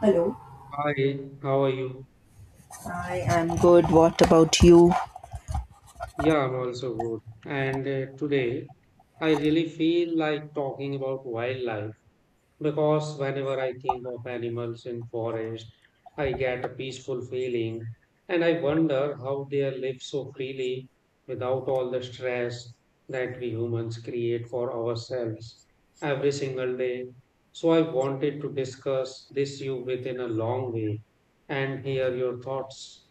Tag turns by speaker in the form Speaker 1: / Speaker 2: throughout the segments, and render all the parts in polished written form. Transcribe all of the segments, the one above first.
Speaker 1: Hello.
Speaker 2: Hi, how are you?
Speaker 1: I am good. What about you?
Speaker 2: Yeah, I'm also good. And today, I really feel like talking about wildlife because whenever I think of animals in forest, I get a peaceful feeling and I wonder how they live so freely without all the stress that we humans create for ourselves every single day. So I wanted to discuss this you within a long way and hear your thoughts.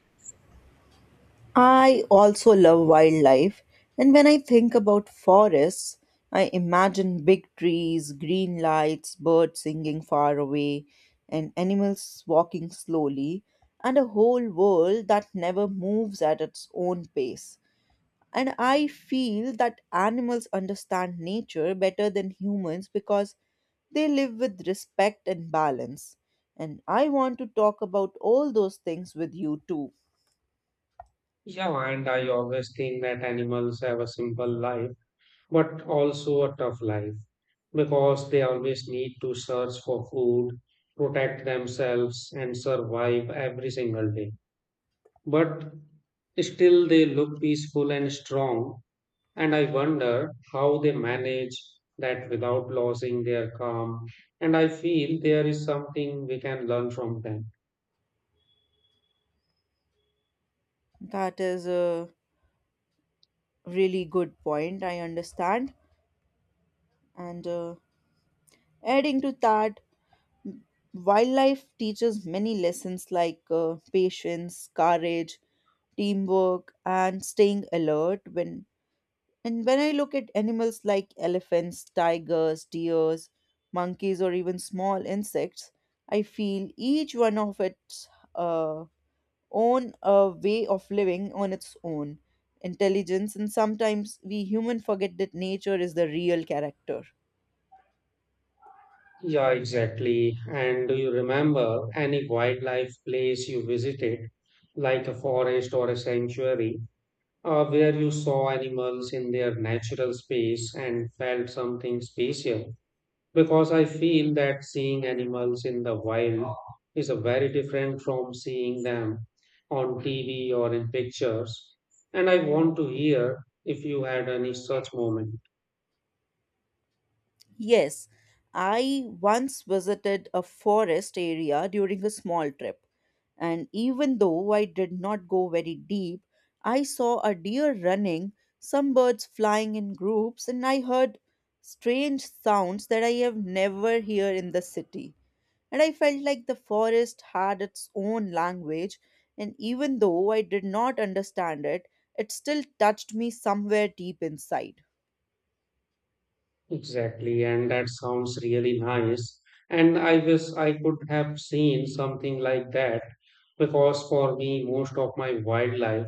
Speaker 1: I also love wildlife, and when I think about forests, I imagine big trees, green lights, birds singing far away, and animals walking slowly, and a whole world that never moves at its own pace. And I feel that animals understand nature better than humans because they live with respect and balance. And I want to talk about all those things with you too.
Speaker 2: Yeah, and I always think that animals have a simple life, but also a tough life because they always need to search for food, protect themselves, and survive every single day. But still, they look peaceful and strong, and I wonder how they manage that without losing their calm. And I feel there is something we can learn from them.
Speaker 1: That is a really good point, I understand. And Adding to that, wildlife teaches many lessons like patience, courage, teamwork, and staying alert when and when I look at animals like elephants, tigers, deers, monkeys, or even small insects, I feel each one of its uh, own way of living on its own intelligence. And sometimes we humans forget that nature is the real character.
Speaker 2: Yeah, exactly. And do you remember any wildlife place you visited, like a forest or a sanctuary, where you saw animals in their natural space and felt something special? Because I feel that seeing animals in the wild is a very different from seeing them on TV or in pictures. And I want to hear if you had any such moment.
Speaker 1: Yes, I once visited a forest area during a small trip, and even though I did not go very deep, I saw a deer running, some birds flying in groups, and I heard strange sounds that I have never heard in the city. And I felt like the forest had its own language, and even though I did not understand it, it still touched me somewhere deep inside.
Speaker 2: Exactly, and that sounds really nice. And I wish I could have seen something like that because for me, most of my wildlife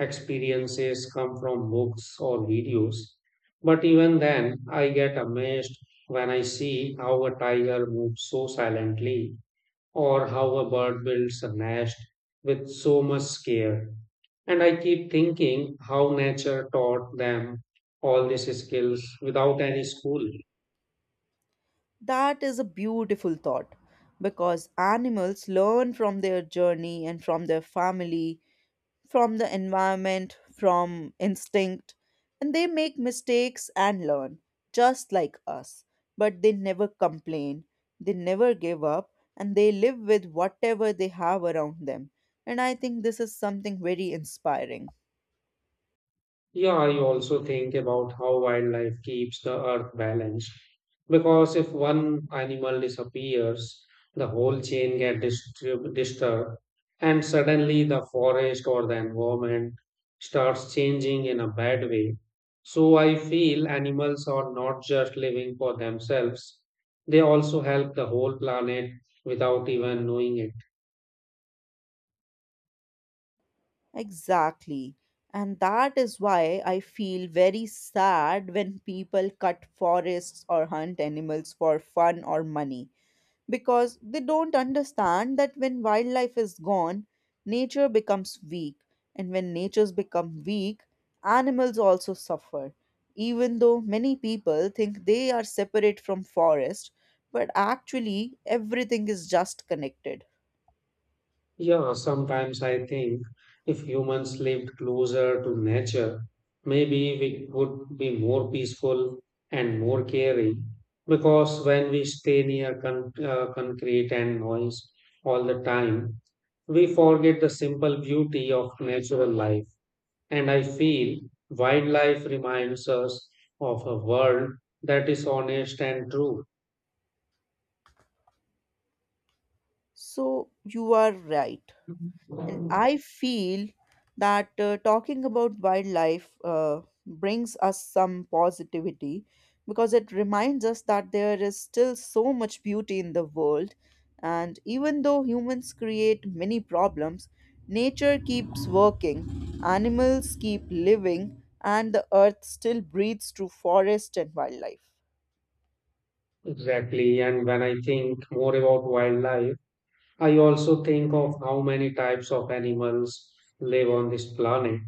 Speaker 2: experiences come from books or videos. But even then, I get amazed when I see how a tiger moves so silently or how a bird builds a nest with so much care. And I keep thinking how nature taught them all these skills without any school.
Speaker 1: That is a beautiful thought because animals learn from their journey and from their family, from the environment, from instinct, and they make mistakes and learn, just like us. But they never complain, they never give up, and they live with whatever they have around them. And I think this is something very inspiring.
Speaker 2: Yeah, I also think about how wildlife keeps the earth balanced. Because if one animal disappears, the whole chain gets disturbed, and suddenly the forest or the environment starts changing in a bad way. So I feel animals are not just living for themselves, they also help the whole planet without even knowing it.
Speaker 1: Exactly. And that is why I feel very sad when people cut forests or hunt animals for fun or money because they don't understand that when wildlife is gone, nature becomes weak. And when natures become weak, animals also suffer. Even though many people think they are separate from forest, but actually everything is just connected.
Speaker 2: Yeah, sometimes I think if humans lived closer to nature, maybe we would be more peaceful and more caring. Because when we stay near concrete and noise all the time, we forget the simple beauty of natural life. And I feel wildlife reminds us of a world that is honest and true.
Speaker 1: So you are right. And I feel that talking about wildlife brings us some positivity because it reminds us that there is still so much beauty in the world. And even though humans create many problems, nature keeps working, animals keep living, and the earth still breathes through forest and wildlife.
Speaker 2: Exactly. And when I think more about wildlife, I also think of how many types of animals live on this planet,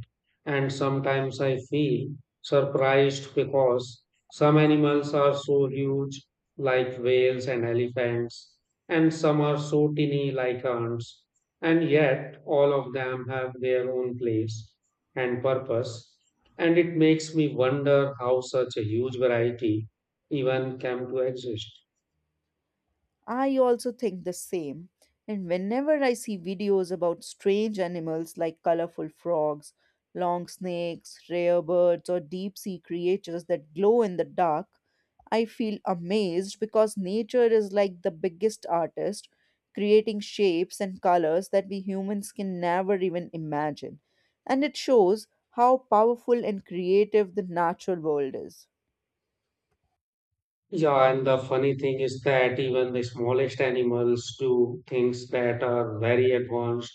Speaker 2: and sometimes I feel surprised because some animals are so huge, like whales and elephants, and some are so tiny, like ants, and yet all of them have their own place and purpose. And it makes me wonder how such a huge variety even came to exist.
Speaker 1: I also think the same. And whenever I see videos about strange animals like colorful frogs, long snakes, rare birds, or deep sea creatures that glow in the dark, I feel amazed because nature is like the biggest artist, creating shapes and colors that we humans can never even imagine. And it shows how powerful and creative the natural world is.
Speaker 2: Yeah, and the funny thing is that even the smallest animals do things that are very advanced,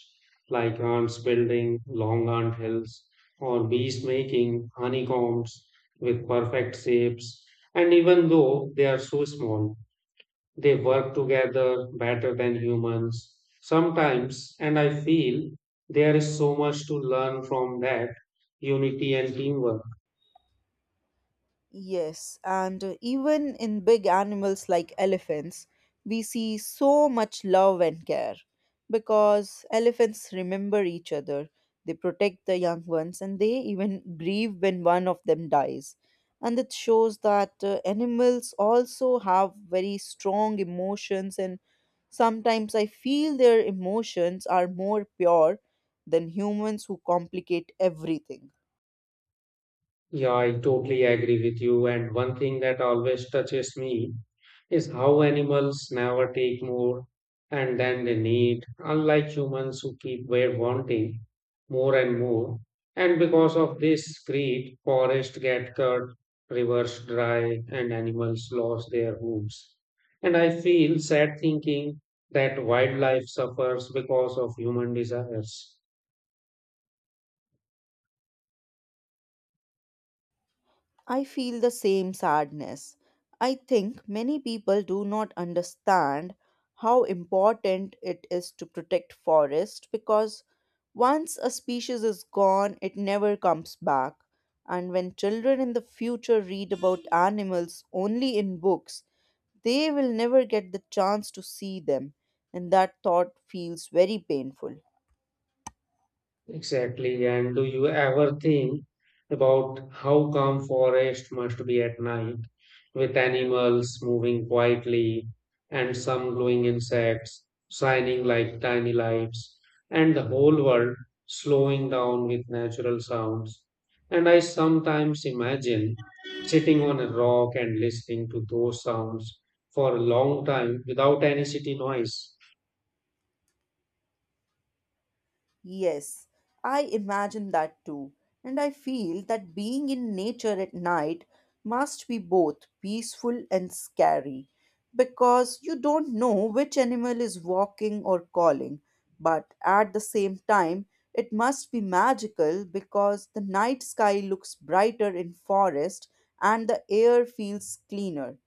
Speaker 2: like ants building long ant hills or bees making honeycombs with perfect shapes. And even though they are so small, they work together better than humans sometimes. And I feel there is so much to learn from that unity and teamwork.
Speaker 1: Yes, and even in big animals like elephants, we see so much love and care because elephants remember each other, they protect the young ones, and they even grieve when one of them dies. And it shows that animals also have very strong emotions, and sometimes I feel their emotions are more pure than humans who complicate everything.
Speaker 2: Yeah, I totally agree with you. And one thing that always touches me is how animals never take more and then they need, unlike humans who keep were wanting more and more. And because of this greed, forests get cut, rivers dry, and animals lose their homes. And I feel sad thinking that wildlife suffers because of human desires.
Speaker 1: I feel the same sadness. I think many people do not understand how important it is to protect forest because once a species is gone, it never comes back. And when children in the future read about animals only in books, they will never get the chance to see them, and that thought feels very painful.
Speaker 2: Exactly. And do you ever think about how calm forest must be at night, with animals moving quietly and some glowing insects shining like tiny lights, and the whole world slowing down with natural sounds? And I sometimes imagine sitting on a rock and listening to those sounds for a long time without any city noise.
Speaker 1: Yes, I imagine that too. And I feel that being in nature at night must be both peaceful and scary because you don't know which animal is walking or calling. But at the same time, it must be magical because the night sky looks brighter in forest and the air feels cleaner.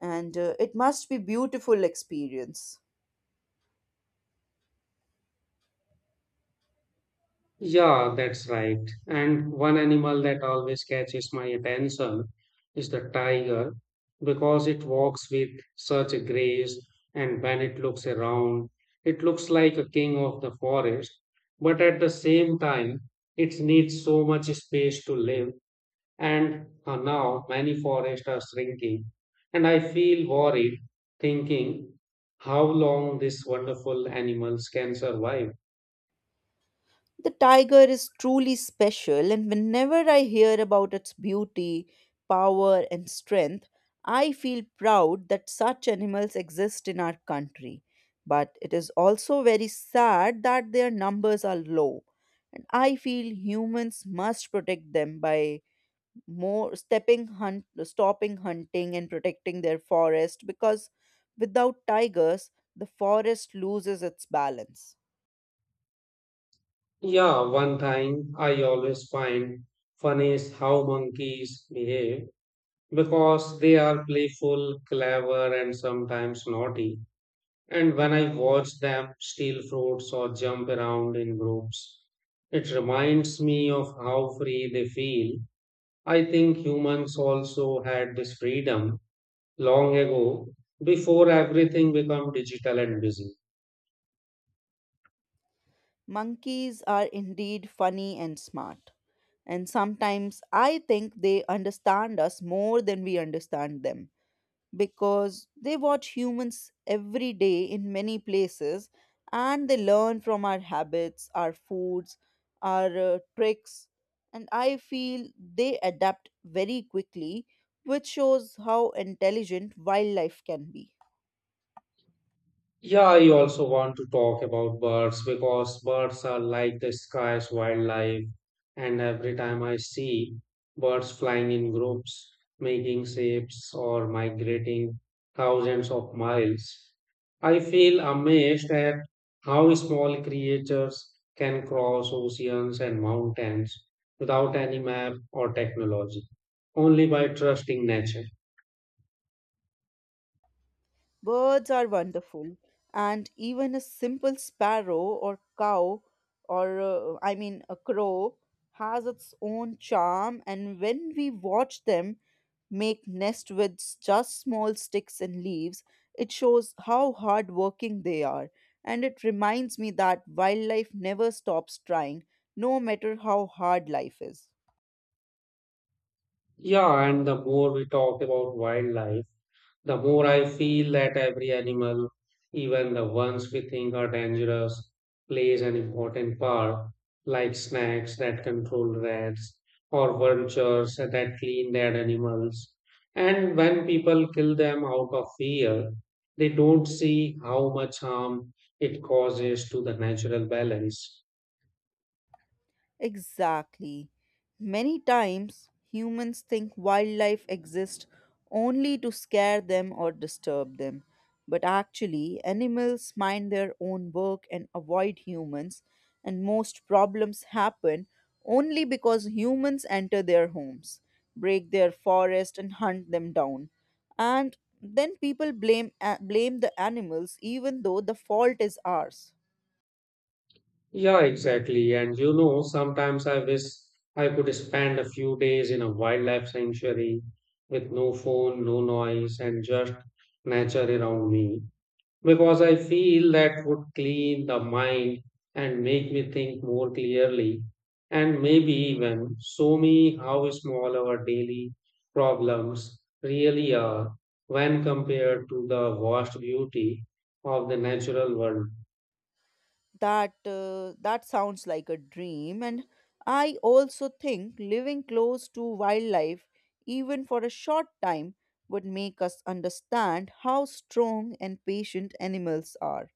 Speaker 1: And it must be beautiful experience.
Speaker 2: Yeah, that's right. And one animal that always catches my attention is the tiger because it walks with such a grace, and when it looks around, it looks like a king of the forest. But at the same time, it needs so much space to live, and now many forests are shrinking. And I feel worried thinking how long these wonderful animals can survive.
Speaker 1: The tiger is truly special, and whenever I hear about its beauty, power, and strength, I feel proud that such animals exist in our country. But it is also very sad that their numbers are low, and I feel humans must protect them by more stepping hunt, stopping hunting and protecting their forest because without tigers, the forest loses its balance.
Speaker 2: Yeah, one thing I always find funny is how monkeys behave because they are playful, clever, and sometimes naughty. And when I watch them steal fruits or jump around in groups, it reminds me of how free they feel. I think humans also had this freedom long ago before everything became digital and busy.
Speaker 1: Monkeys are indeed funny and smart, and sometimes I think they understand us more than we understand them because they watch humans every day in many places and they learn from our habits, our foods, our tricks, and I feel they adapt very quickly, which shows how intelligent wildlife can be.
Speaker 2: Yeah, I also want to talk about birds because birds are like the sky's wildlife. And every time I see birds flying in groups, making shapes, or migrating thousands of miles, I feel amazed at how small creatures can cross oceans and mountains without any map or technology, only by trusting nature.
Speaker 1: Birds are wonderful, and even a simple sparrow or cow, or I mean, a crow, has its own charm. And when we watch them make nest with just small sticks and leaves, it shows how hardworking they are. And it reminds me that wildlife never stops trying, no matter how hard life is.
Speaker 2: Yeah, and the more we talk about wildlife, the more I feel that every animal, even the ones we think are dangerous, plays an important part, like snakes that control rats or vultures that clean dead animals. And when people kill them out of fear, they don't see how much harm it causes to the natural balance.
Speaker 1: Exactly. Many times, humans think wildlife exists only to scare them or disturb them. But actually, animals mind their own work and avoid humans, and most problems happen only because humans enter their homes, break their forest, and hunt them down. And then people blame the animals even though the fault is ours.
Speaker 2: Yeah, exactly. And you know, sometimes I wish I could spend a few days in a wildlife sanctuary with no phone, no noise, and just nature around me. Because I feel that would clean the mind and make me think more clearly, and maybe even show me how small our daily problems really are when compared to the vast beauty of the natural world.
Speaker 1: That sounds like a dream, and I also think living close to wildlife, even for a short time, would make us understand how strong and patient animals are,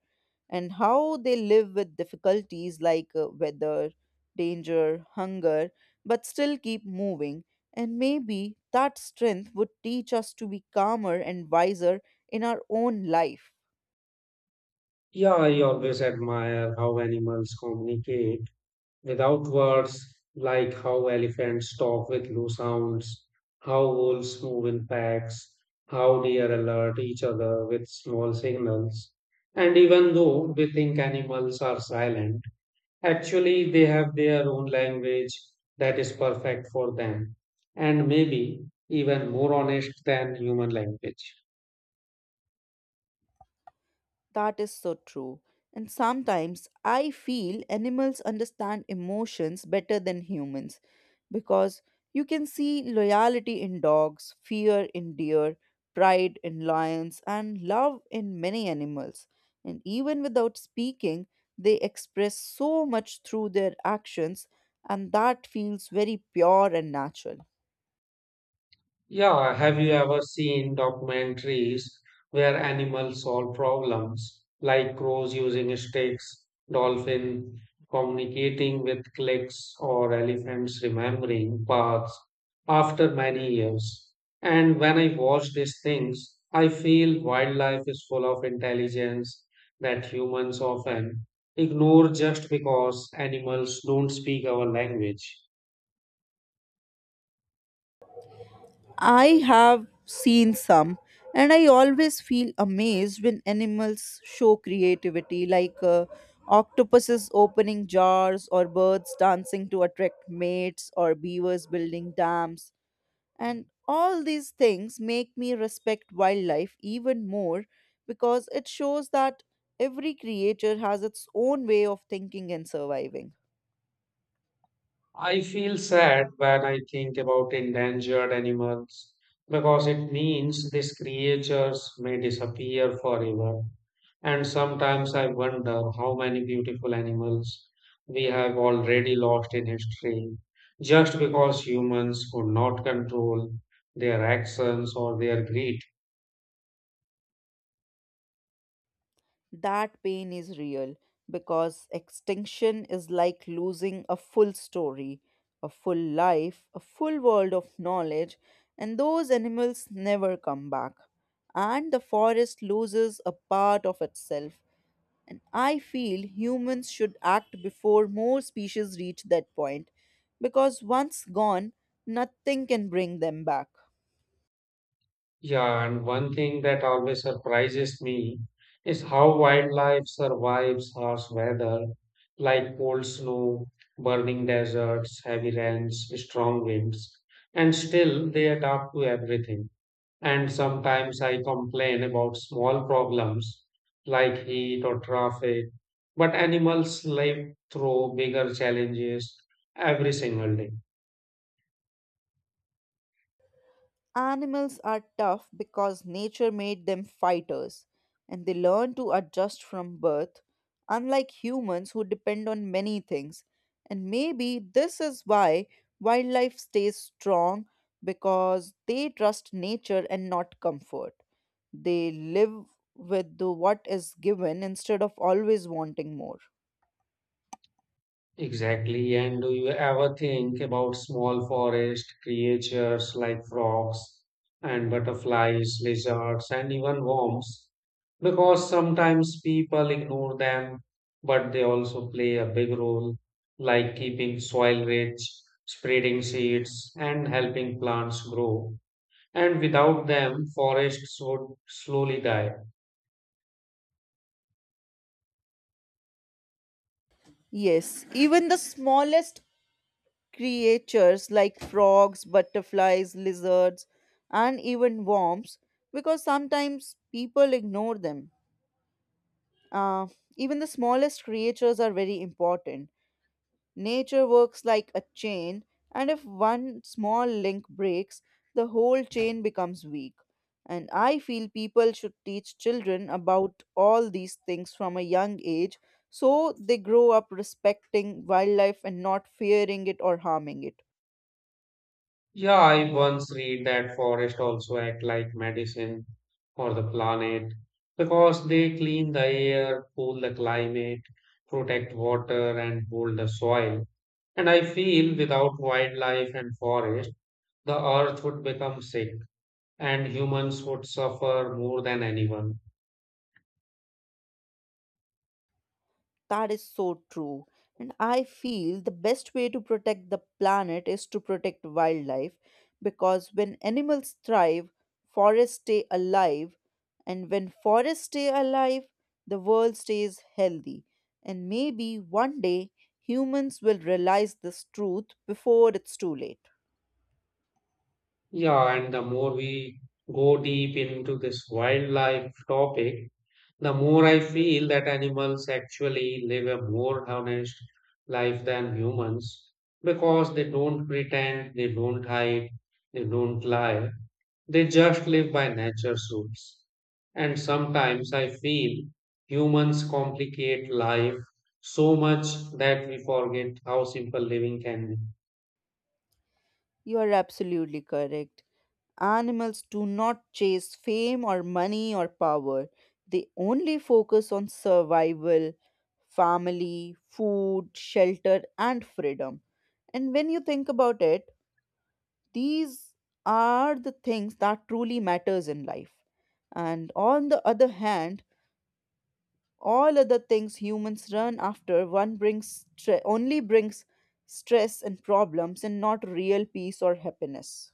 Speaker 1: and how they live with difficulties like weather, danger, hunger, but still keep moving. And maybe that strength would teach us to be calmer and wiser in our own life.
Speaker 2: Yeah, I always admire how animals communicate without words, like how elephants talk with low sounds, how wolves move in packs, how deer alert each other with small signals. And even though we think animals are silent, actually they have their own language that is perfect for them, and maybe even more honest than human language.
Speaker 1: That is so true. And sometimes I feel animals understand emotions better than humans because you can see loyalty in dogs, fear in deer, pride in lions, and love in many animals. And even without speaking, they express so much through their actions, and that feels very pure and natural.
Speaker 2: Yeah, have you ever seen documentaries where animals solve problems, like crows using sticks, dolphin communicating with clicks, or elephants remembering paths after many years? And when I watch these things, I feel wildlife is full of intelligence that humans often ignore just because animals don't speak our language.
Speaker 1: I have seen some, and I always feel amazed when animals show creativity, like octopuses opening jars, or birds dancing to attract mates, or beavers building dams. And all these things make me respect wildlife even more because it shows that every creature has its own way of thinking and surviving.
Speaker 2: I feel sad when I think about endangered animals because it means these creatures may disappear forever. And sometimes I wonder how many beautiful animals we have already lost in history just because humans could not control their actions or their greed.
Speaker 1: That pain is real because extinction is like losing a full story, a full life, a full world of knowledge, and those animals never come back. And the forest loses a part of itself. And I feel humans should act before more species reach that point because once gone, nothing can bring them back.
Speaker 2: Yeah, and one thing that always surprises me is how wildlife survives harsh weather, like cold snow, burning deserts, heavy rains, strong winds, and still they adapt to everything. And sometimes I complain about small problems like heat or traffic, but animals live through bigger challenges every single day.
Speaker 1: Animals are tough because nature made them fighters, and they learn to adjust from birth, unlike humans who depend on many things. And maybe this is why wildlife stays strong because they trust nature and not comfort. They live with the what is given instead of always wanting more.
Speaker 2: Exactly. And do you ever think about small forest creatures like frogs and butterflies, lizards, and even worms? Because sometimes people ignore them, but they also play a big role, like keeping soil rich, spreading seeds, and helping plants grow. And without them, forests would slowly die.
Speaker 1: Yes, even the smallest creatures like frogs, butterflies, lizards, and even worms because sometimes people ignore them. Uh, Even the smallest creatures are very important. Nature works like a chain, and if one small link breaks, the whole chain becomes weak. And I feel people should teach children about all these things from a young age so they grow up respecting wildlife and not fearing it or harming it.
Speaker 2: Yeah, I once read that forests also act like medicine for the planet because they clean the air, cool the climate, protect water, and hold the soil. And I feel without wildlife and forest, the earth would become sick and humans would suffer more than anyone.
Speaker 1: That is so true. And I feel the best way to protect the planet is to protect wildlife because when animals thrive, forests stay alive. And when forests stay alive, the world stays healthy. And maybe one day humans will realize this truth before it's too late.
Speaker 2: Yeah, and the more we go deep into this wildlife topic, the more I feel that animals actually live a more honest life than humans because they don't pretend, they don't hide, they don't lie, they just live by nature's rules. And sometimes I feel humans complicate life so much that we forget how simple living can be.
Speaker 1: You are absolutely correct. Animals do not chase fame or money or power. They only focus on survival, family, food, shelter, and freedom. And when you think about it, these are the things that truly matters in life. And on the other hand, all other things humans run after one brings only brings stress and problems and not real peace or happiness.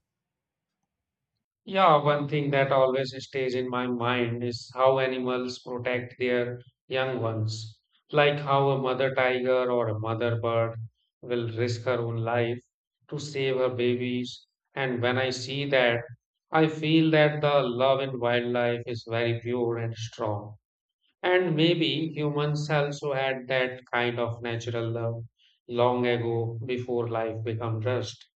Speaker 2: Yeah, one thing that always stays in my mind is how animals protect their young ones. Like how a mother tiger or a mother bird will risk her own life to save her babies. And when I see that, I feel that the love in wildlife is very pure and strong. And maybe humans also had that kind of natural love long ago before life became rust.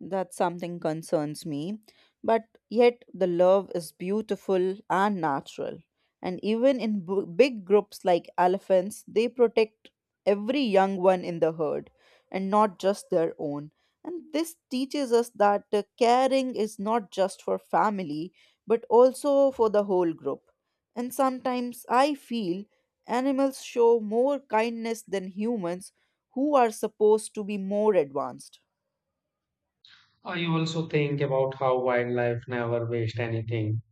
Speaker 1: That something concerns me. But yet, the love is beautiful and natural. And even in big groups like elephants, they protect every young one in the herd and not just their own. And this teaches us that caring is not just for family, but also for the whole group. And sometimes I feel animals show more kindness than humans, who are supposed to be more advanced.
Speaker 2: I also think about how wildlife never waste anything,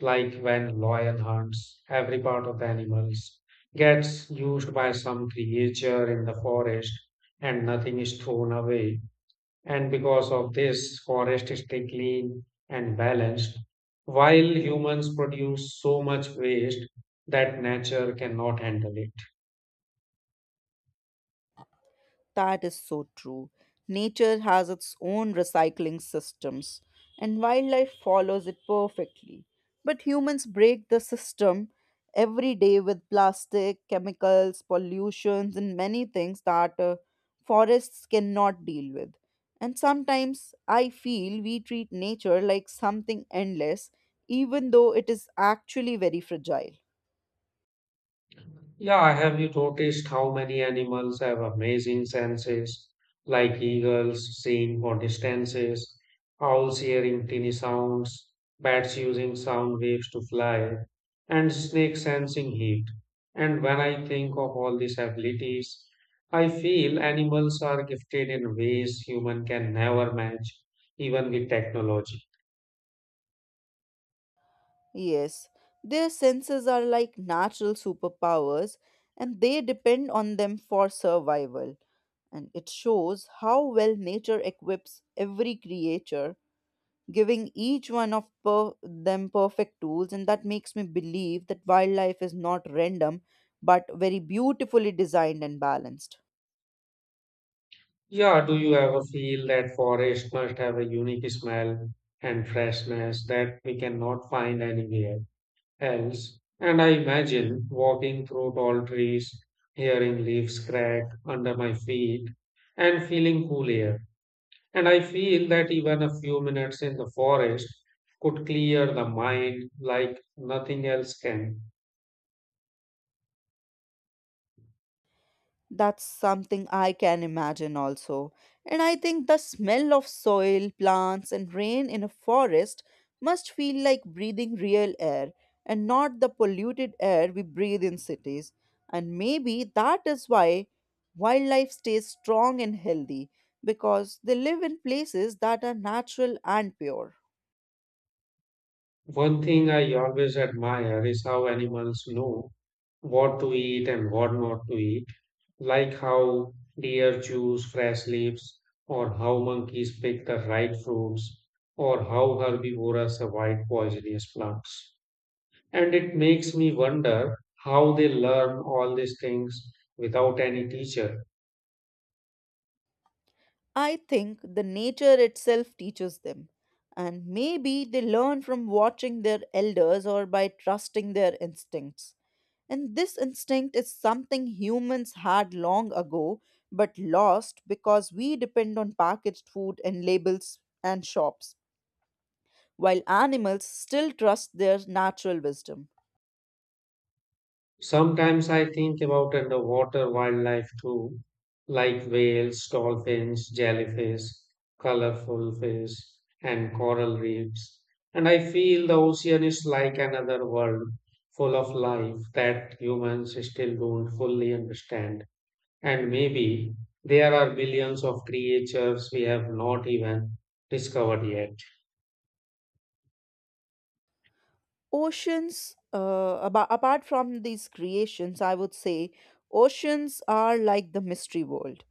Speaker 2: like when lion hunts, every part of the animals gets used by some creature in the forest and nothing is thrown away. And because of this, forest is stay clean and balanced, while humans produce so much waste that nature cannot handle it.
Speaker 1: That is so true. Nature has its own recycling systems, and wildlife follows it perfectly. But humans break the system every day with plastic, chemicals, pollutions, and many things that forests cannot deal with. And sometimes I feel we treat nature like something endless, even though it is actually very fragile.
Speaker 2: Yeah, have you noticed how many animals have amazing senses, like eagles seeing for distances, owls hearing tiny sounds, bats using sound waves to fly, and snakes sensing heat? And when I think of all these abilities, I feel animals are gifted in ways human can never match, even with technology.
Speaker 1: Yes, their senses are like natural superpowers and they depend on them for survival. And it shows how well nature equips every creature, giving each one of them perfect tools. And that makes me believe that wildlife is not random, but very beautifully designed and balanced.
Speaker 2: Yeah, do you ever feel that forest must have a unique smell and freshness that we cannot find anywhere else? And I imagine walking through tall trees, hearing leaves crack under my feet, and feeling cool air. And I feel that even a few minutes in the forest could clear the mind like nothing else can.
Speaker 1: That's something I can imagine also. And I think the smell of soil, plants, and rain in a forest must feel like breathing real air and not the polluted air we breathe in cities. And maybe that is why wildlife stays strong and healthy because they live in places that are natural and pure.
Speaker 2: One thing I always admire is how animals know what to eat and what not to eat, like how deer choose fresh leaves, or how monkeys pick the right fruits, or how herbivores avoid poisonous plants. And it makes me wonder how they learn all these things without any teacher.
Speaker 1: I think the nature itself teaches them, and maybe they learn from watching their elders or by trusting their instincts. And this instinct is something humans had long ago but lost because we depend on packaged food and labels and shops, while animals still trust their natural wisdom.
Speaker 2: Sometimes I think about underwater wildlife too, like whales, dolphins, jellyfish, colorful fish, and coral reefs. And I feel the ocean is like another world full of life that humans still don't fully understand. And maybe there are billions of creatures we have not even discovered yet.
Speaker 1: Oceans, apart from these creations, I would say oceans are like the mystery world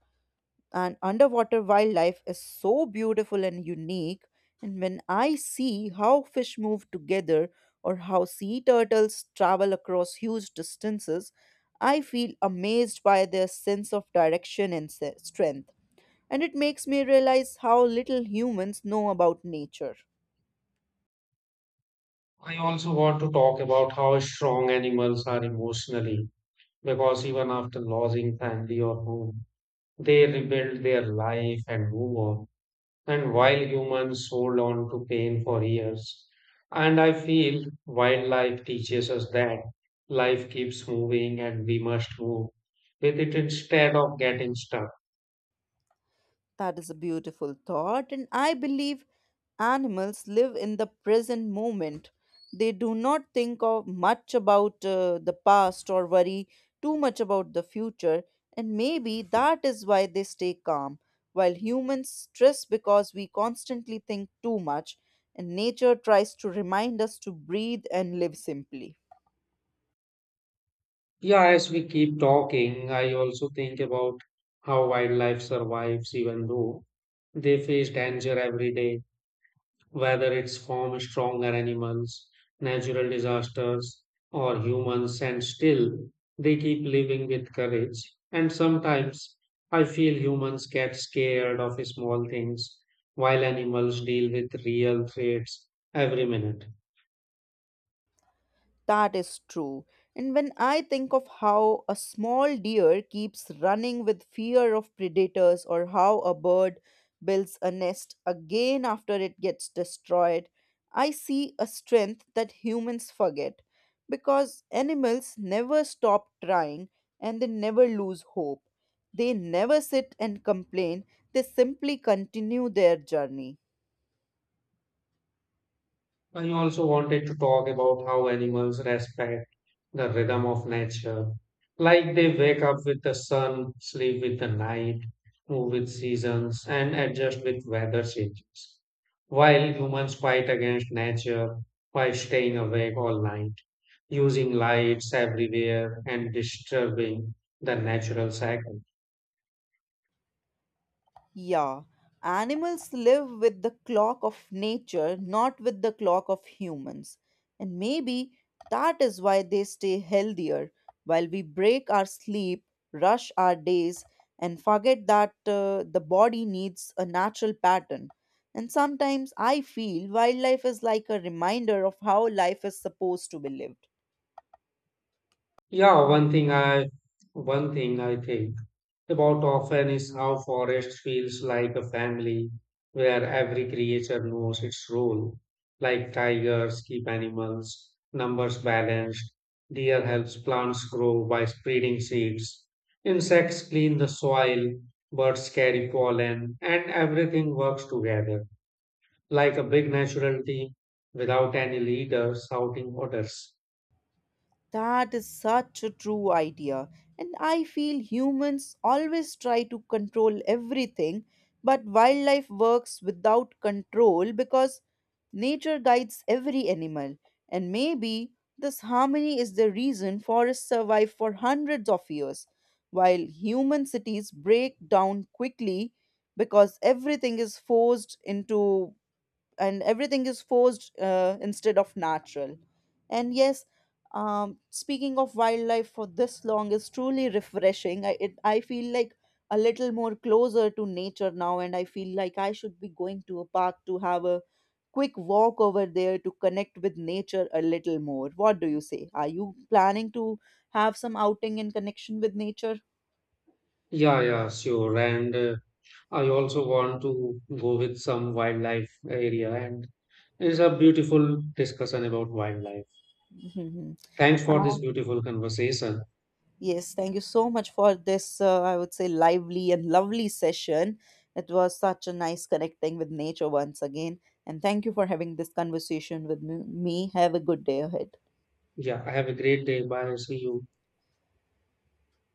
Speaker 1: and underwater wildlife is so beautiful and unique. And when I see how fish move together or how sea turtles travel across huge distances, I feel amazed by their sense of direction and strength. And it makes me realize how little humans know about nature.
Speaker 2: I also want to talk about how strong animals are emotionally because even after losing family or home, they rebuild their life and move on. And while humans hold on to pain for years, and I feel wildlife teaches us that life keeps moving and we must move with it instead of getting stuck.
Speaker 1: That is a beautiful thought, and I believe animals live in the present moment. They do not think of much about the past or worry too much about the future, and maybe that is why they stay calm. While humans stress because we constantly think too much, and nature tries to remind us to breathe and live simply.
Speaker 2: Yeah, as we keep talking, I also think about how wildlife survives even though they face danger every day whether it's from stronger animals, natural disasters, or humans, and still they keep living with courage. And sometimes I feel humans get scared of small things while animals deal with real threats every minute.
Speaker 1: That is true. And when I think of how a small deer keeps running with fear of predators, or how a bird builds a nest again after it gets destroyed, I see a strength that humans forget. Because animals never stop trying and they never lose hope. They never sit and complain, they simply continue their journey.
Speaker 2: I also wanted to talk about how animals respect the rhythm of nature. Like they wake up with the sun, sleep with the night, move with seasons, and adjust with weather changes. While humans fight against nature by staying awake all night, using lights everywhere, and disturbing the natural cycle.
Speaker 1: Yeah, animals live with the clock of nature, not with the clock of humans. And maybe that is why they stay healthier while we break our sleep, rush our days, and forget that the body needs a natural pattern. And sometimes I feel wildlife is like a reminder of how life is supposed to be lived.
Speaker 2: Yeah, one thing I think about often is how forest feels like a family where every creature knows its role. Like tigers keep animals, numbers balanced, deer helps plants grow by spreading seeds, insects clean the soil, birds carry pollen, and everything works together like a big natural team without any leader shouting orders.
Speaker 1: That is such a true idea. And I feel humans always try to control everything, but wildlife works without control because nature guides every animal. And maybe this harmony is the reason forests survive for hundreds of years, while human cities break down quickly because everything is forced into and everything is forced instead of natural. And yes, speaking of wildlife for this long is truly refreshing. I feel like a little more closer to nature now, and I feel like I should be going to a park to have a quick walk over there to connect with nature a little more. What do you say? Are you planning to have some outing in connection with nature?
Speaker 2: Yeah, yeah, sure. And I also want to go with some wildlife area, and it's a beautiful discussion about wildlife. Thanks for this beautiful conversation.
Speaker 1: Yes, thank you so much for this, I would say, lively and lovely session. It was such a nice connecting with nature once again. And thank you for having this conversation with me. Have a good day ahead.
Speaker 2: Yeah, have a great day. Bye. See you.